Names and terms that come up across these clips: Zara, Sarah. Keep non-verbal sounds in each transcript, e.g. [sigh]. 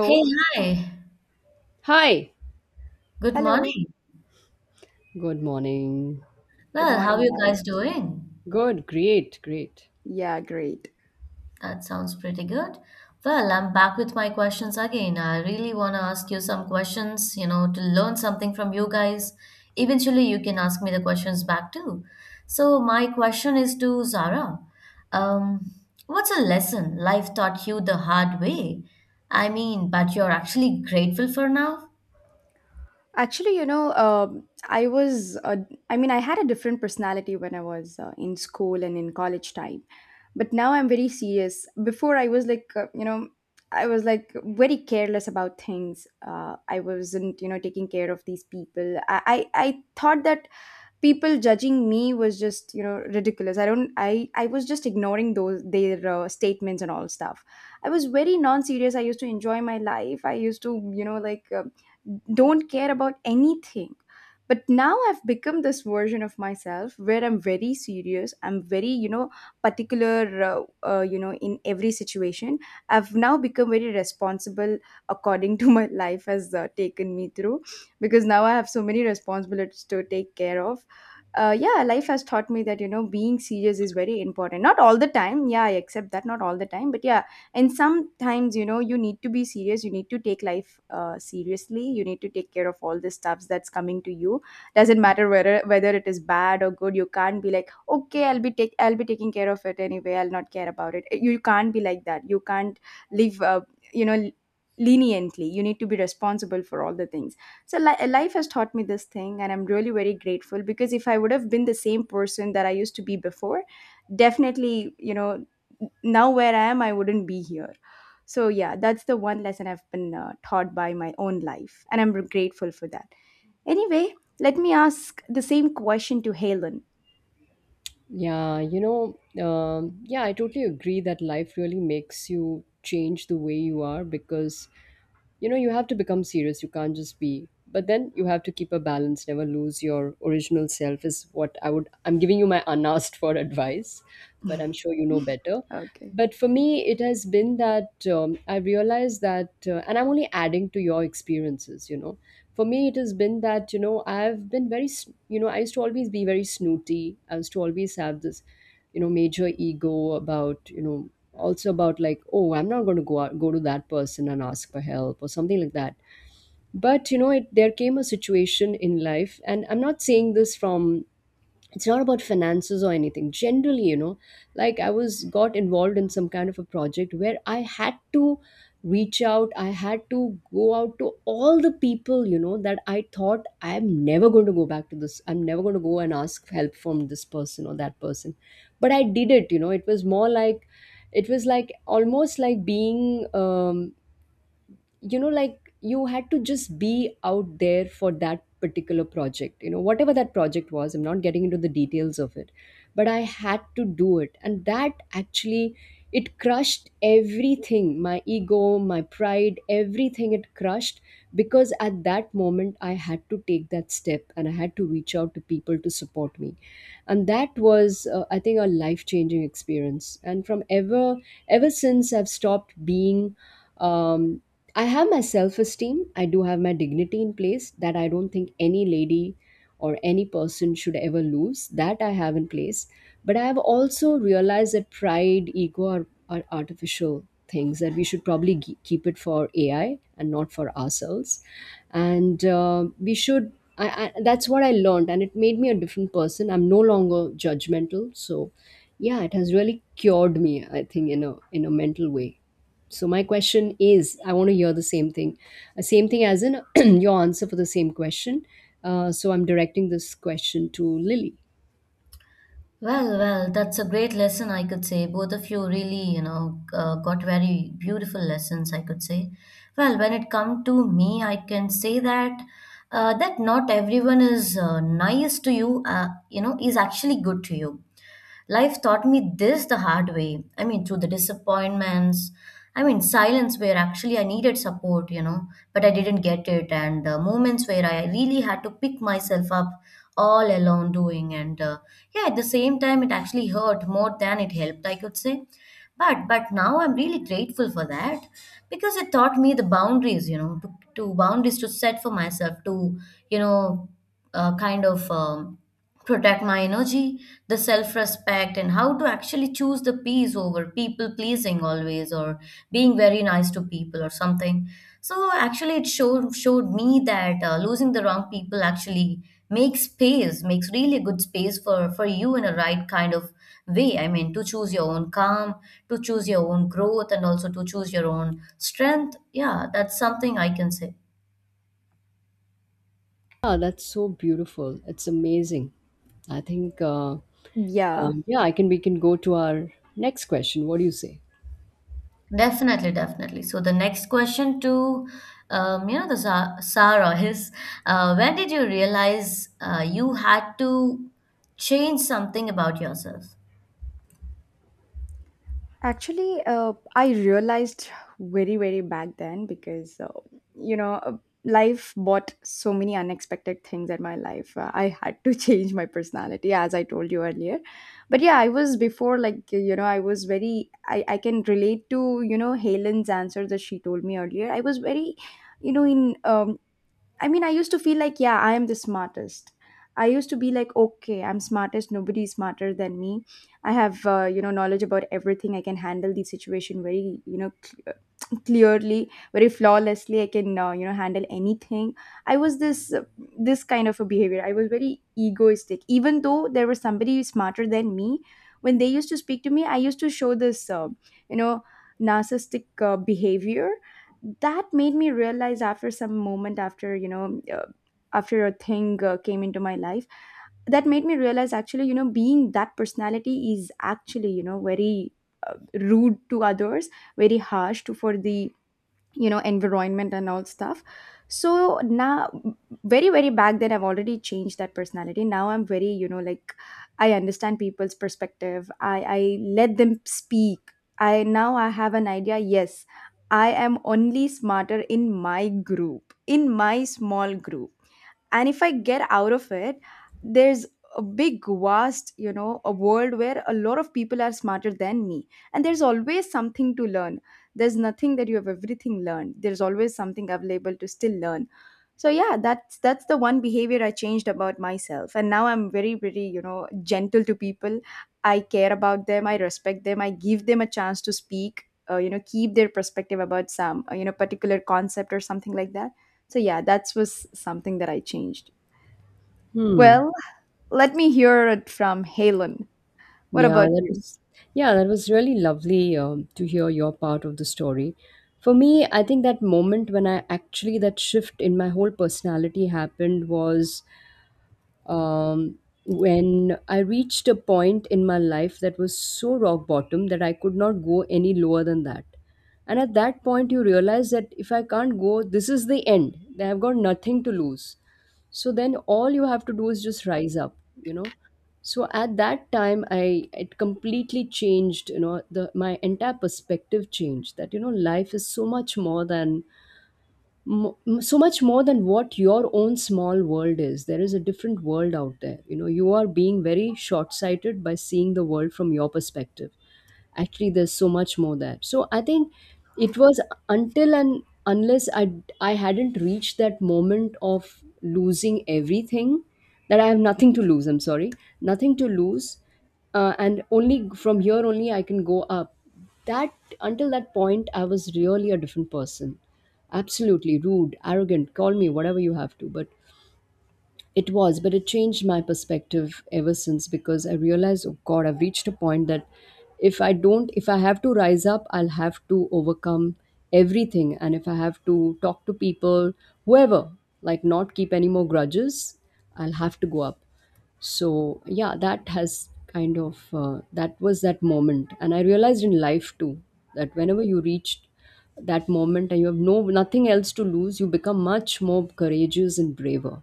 Hey, hi. Hi, Good Hello. morning. good morning. Good Well, how are morning, you guys. guys doing? Good, great, great. Yeah, great. That sounds pretty good. Well, I'm back with my questions again. I really want to ask you some questions, you know, to learn something from you guys. Eventually, you can ask me the questions back too. So, my question is to Zara. Um, what's a lesson life taught you the hard way? I mean, but you're actually grateful for now? Actually, you know, I mean, I had a different personality when I was in school and in college time. But now I'm very serious. Before I was like, you know, I was like very careless about things. I wasn't, you know, taking care of these people. I thought that people judging me was, just you know, ridiculous. I don't i i was just ignoring those their statements and all stuff. I was very non serious. I used to enjoy my life. I used to, you know, like, don't care about anything. But now I've become this version of myself where I'm very serious, I'm very, you know, particular, you know, in every situation. I've now become very responsible, according [laughs] to my life has taken me through, because now I have so many responsibilities to take care of. Yeah, life has taught me that, you know, being serious is very important. Not all the time, yeah, I accept that. Not all the time, but yeah, and sometimes, you know, you need to be serious. You need to take life seriously. You need to take care of all the stuffs that's coming to you. Doesn't matter whether it is bad or good. You can't be like, okay, I'll be taking care of it anyway. I'll not care about it. You can't be like that. You can't live. You know, leniently, you need to be responsible for all the things. So life has taught me this thing, and I'm really very grateful, because if I would have been the same person that I used to be before, definitely, you know, now where I am, I wouldn't be here. So yeah, that's the one lesson I've been taught by my own life, and I'm grateful for that anyway. Let me ask the same question to Helen. Yeah, you know, yeah, I totally agree that life really makes you change the way you are because you know you have to become serious, you can't just be, but then you have to keep a balance. Never lose your original self is what I'm giving you my unasked for [laughs] advice. But I'm [laughs] sure you know better. Okay. But for me it has been that I realized that and I'm only adding to your experiences, you know, for me it has been that you know I've been very you know, I used to always be very snooty. I used to always have this, you know, major ego about, you know, also about like, oh, I'm not going to go out, go to that person and ask for help or something like that. But you know, it, there came a situation in life, and I'm not saying this from, it's not about finances or anything, generally, you know, like I was got involved in some kind of a project where I had to reach out. I had to go out to all the people, you know, that I thought I'm never going to go back to this, I'm never going to go and ask help from this person or that person. But I did it. You know, it was more like, it was like almost like being um, you know, like you had to just be out there for that particular project. You know, whatever that project was, I'm not getting into the details of it, but I had to do it. And that actually, it crushed everything, my ego, my pride, everything it crushed, because at that moment I had to take that step, and I had to reach out to people to support me. And that was I think a life changing experience. And from ever, ever since I've stopped being um, I have my self esteem. I do have my dignity in place that I don't think any lady or any person should ever lose. That I have in place. But I have also realized that pride, ego are artificial things that we should probably keep it for AI and not for ourselves. And we should that's what I learned. And it made me a different person. I'm no longer judgmental. So yeah, it has really cured me, I think, in a mental way. So my question is, I want to hear the same thing, same thing as in [clears throat] your answer for the same question. So I'm directing this question to Lily. Well, well, that's a great lesson, I could say. Both of you really, you know, got very beautiful lessons, I could say. Well, when it come to me, I can say that that not everyone is nice to you, you know, is actually good to you. Life taught me this the hard way. I mean, through the disappointments, I mean, silence where actually I needed support, you know, but I didn't get it, and moments where I really had to pick myself up all alone doing. And yeah, at the same time, it actually hurt more than it helped, I could say. But now I'm really grateful for that because it taught me the boundaries, you know, to boundaries to set for myself, to, you know, uh, kind of. Um, protect my energy, the self respect, and how to actually choose the peace over people pleasing always or being very nice to people or something. So actually, it showed me that losing the wrong people actually makes space, makes really good space for you in a right kind of way. I mean, to choose your own calm, to choose your own growth, and also to choose your own strength. Yeah, that's something I can say. Ah, that's so beautiful, it's amazing. I think Yeah. Yeah, I can we can go to our next question. What do you say? Definitely, definitely. So the next question to you know the Sarah is, when did you realize you had to change something about yourself? Actually, I realized very, very back then because, you know, life brought so many unexpected things at my life. I had to [laughs] change my personality, as I told you earlier. But yeah, I was before, like, you know, I was very, I can relate to, you know, Helen's answer that she told me earlier. I was very, you know, in, I mean, I used to feel like, yeah, I am the smartest. I used to be like, okay, I'm smartest. Nobody is smarter than me. I have, you know, knowledge about everything. I can handle the situation very, you know, clearly, very flawlessly. I can, you know, handle anything. I was this, kind of a behavior. I was very egoistic. Even though there was somebody smarter than me, when they used to speak to me, I used to show this, you know, narcissistic behavior. That made me realize, after some moment, after, you know, after a thing came into my life, that made me realize, actually, you know, being that personality is actually, you know, very uh, rude to others, very harsh to, for the, you know, environment and all stuff. So now, very very back then, I've already changed that personality. Now I'm very, you know, like, I understand people's perspective. I let them speak. I now i have an idea. Yes, I am only smarter in my group, in my small group, and if I get out of it, there's a big vast, you know, a world where a lot of people are smarter than me. And there's always something to learn. There's nothing that you have everything learned. There's always something available to still learn. So yeah, that's the one behavior I changed about myself, and now I'm very very, you know, gentle to people. I care about them, I respect them, I give them a chance to speak, you know, keep their perspective about some, you know, particular concept or something like that. So yeah, that was something that I changed. Hmm. Well, let me hear it from Halen. What Yeah, about that you? was, yeah, that was really lovely, to hear your part of the story. For me, I think that moment when I actually, that shift in my whole personality happened was, um, when I reached a point in my life that was so rock bottom that I could not go any lower than that. And at that point, you realize that if I can't go, this is the end. I've got nothing to lose, so then all you have to do is just rise up, you know. So at that time, I it completely changed, you know, the, my entire perspective changed, that you know, life is so much more than, so much more than what your own small world is. There is a different world out there. You know, you are being very short sighted by seeing the world from your perspective. Actually, there's so much more there. So I think it was, until and unless I hadn't reached that moment of losing everything, that I have nothing to lose, I'm sorry, nothing to lose, and only from here only I can go up. That, until that point, I was really a different person, absolutely rude, arrogant, call me whatever you have to, but but it changed my perspective ever since, because I realized, oh God, I've reached a point that if I have to rise up, I'll have to overcome everything. And if I have to talk to people, whoever, like not keep any more grudges, I'll have to go up. So yeah, that has kind of, that was that moment. And I realized in life too that whenever you reached that moment and you have no, nothing else to lose, you become much more courageous and braver.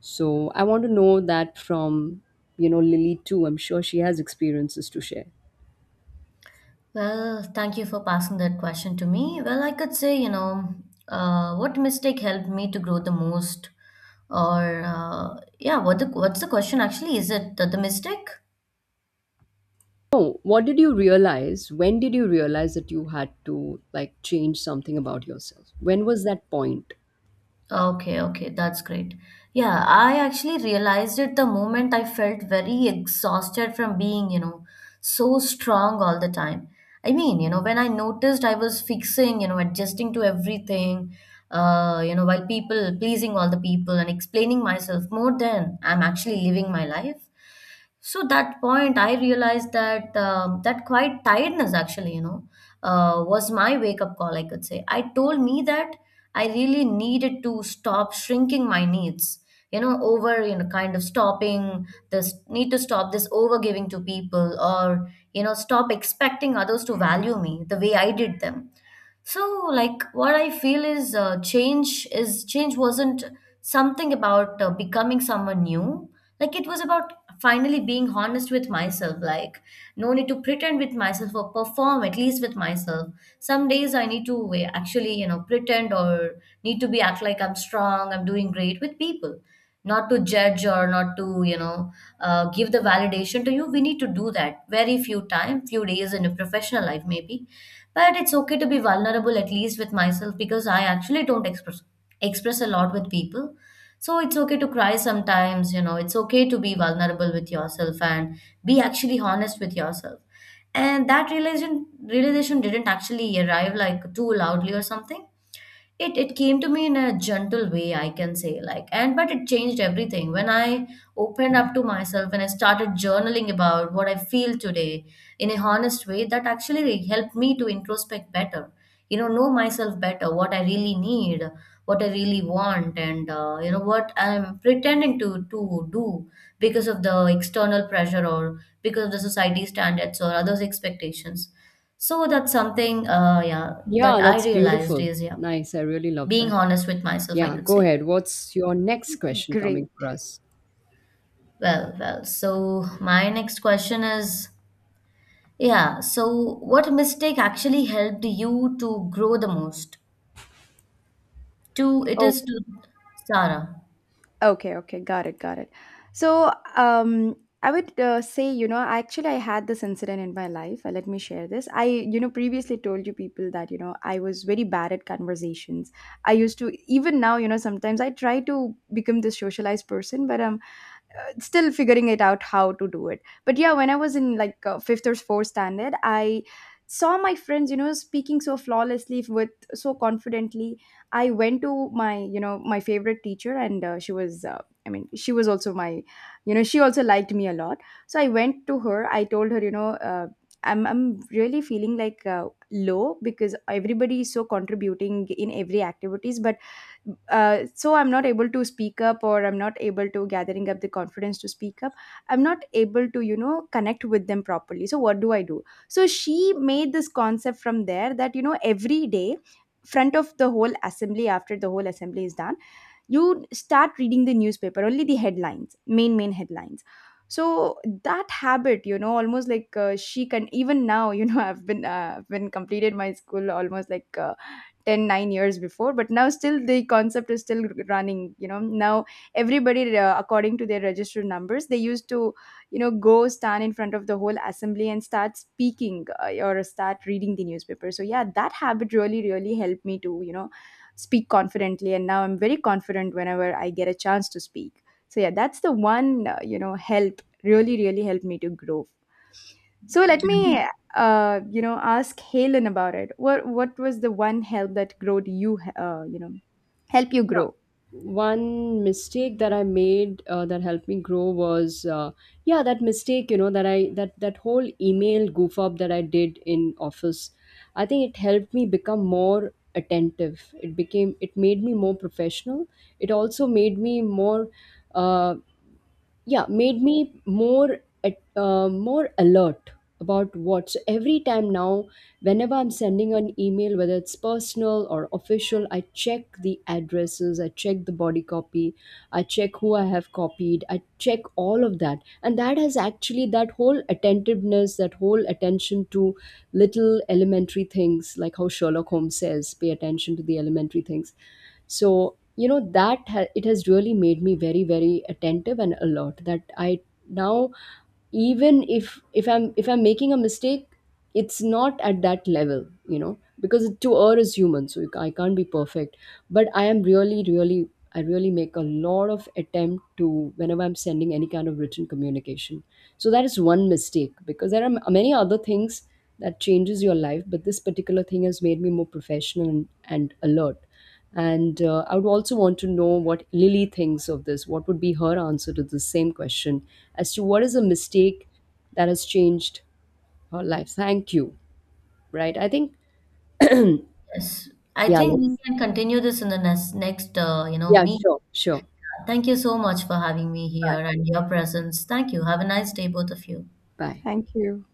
So I want to know that from, you know, Lily too. I'm sure she has experiences to share. Well, thank you for passing that question to me. Well, I could say, you know, what mistake helped me to grow the most, or yeah, what the what's the question actually? Is it the mistake? Oh, what did you realize? When did you realize that you had to like change something about yourself? When was that point? Okay, okay, that's great. Yeah, I actually realized it the moment I felt very exhausted from being, you know, so strong all the time. I mean, you know, when I noticed I was fixing, you know, adjusting to everything, you know, while people pleasing all the people and explaining myself more than I'm actually living my life. So that point, I realized that that quite tiredness actually, you know was my wake up call, I could say. I told me that I really needed to stop shrinking my needs, you know, over, you know, kind of stopping this need to stop this over giving to people or, you know, stop expecting others to value me the way I did them. So, like, what I feel is change wasn't something about becoming someone new. Like, it was about finally being honest with myself. Like, no need to pretend with myself or perform, at least with myself. Some days I need to actually, you know, pretend or need to be act like I'm strong, I'm doing great with people. Not to judge or not to, you know, give the validation to you. We need to do that very few time, few days in a professional life, maybe but it's okay to be vulnerable, at least with myself, because I actually don't express a lot with people. So it's okay to cry sometimes, you know, it's okay to be vulnerable with yourself and be actually honest with yourself. And that realization didn't actually arrive like too loudly or something, it came to me in a gentle way, I can say, like, and but it changed everything. When I opened up to myself and I started journaling about what I feel today in a honest way, that actually helped me to introspect better. You know myself better, what I really need, what I really want, and you know what I'm pretending to do because of the external pressure or because of the society standards or others' expectations. So that's something, yeah, that Yeah, I that's realized beautiful. is yeah Nice. I really love being that. honest with myself, I Yeah, could go say. ahead. What's your next question coming Great. for us? Well, well, so my next question is yeah, so what mistake actually helped you to grow the most? To it Oh, is to Sarah. okay, okay, got it, got it. So, I would say, you know, actually, I had this incident in my life. Let me share this. I, you know, previously told you people that, you know, I was very bad at conversations. I used to, even now, you know, sometimes I try to become this socialized person, but I'm still figuring it out how to do it. But yeah, when I was in, like, fifth or fourth standard, I saw my friends, you know, speaking so flawlessly, with so confidently. I went to my, you know, my favorite teacher, and she was also my, you know, she also liked me a lot. So I went to her. I told her, you know, I'm really feeling like low, because everybody is so contributing in every activities, but so I'm not able to speak up, or I'm not able to gathering up the confidence to speak up. I'm not able to, you know, connect with them properly. So what do I do? So she made this concept from there that, you know, every day, front of the whole assembly, after the whole assembly is done, you start reading the newspaper, only the headlines, main headlines. So that habit, you know, almost like, she can even now, you know, [laughs] I've been completed my school almost like, 10, 9 years before, but now still the concept is still running, you know. Now everybody, according to their registered numbers, they used to, you know, go stand in front of the whole assembly and start speaking, or start reading the newspaper. So yeah, that habit really really helped me to, you know, speak confidently, and now I'm very confident whenever I get a chance to speak. So yeah, that's the one you know, help, really really helped me to grow. So let me, you know, ask Halen about it. What was the one help that growed you? You know, help you Yeah. grow. One mistake that I made that helped me grow was, yeah, that mistake, you know, that I, that whole email goof up that I did in office. I think it helped me become more attentive. It made me more professional. It also made me more, uh, yeah, made me more more alert about what. So every time now, whenever I'm sending an email, whether it's personal or official, I check the addresses, I check the body copy, I check who I have copied, I check all of that. And that has actually, that whole attentiveness, that whole attention to little elementary things, like how Sherlock Holmes says, pay attention to the elementary things. So you know that it has really made me very very attentive and alert, that I now, even if if I'm making a mistake, it's not at that level, you know, because to err is human, so you I can't be perfect. But I am really really, I really make a lot of attempt to, whenever I'm sending any kind of written communication. So that is one mistake, because there are many other things that changes your life, but this particular thing has made me more professional and alert. And I would also want to know what Lily thinks of this, what would be her answer to the same question, as to what is a mistake that has changed her life. Thank you. Right? I think, Yes, I yeah, think we let's, can continue this in the next you know yeah, meet. sure, sure. Thank you so much for having me here Bye, and your presence. Thank you. Have a nice day, both of you. bye. Thank you.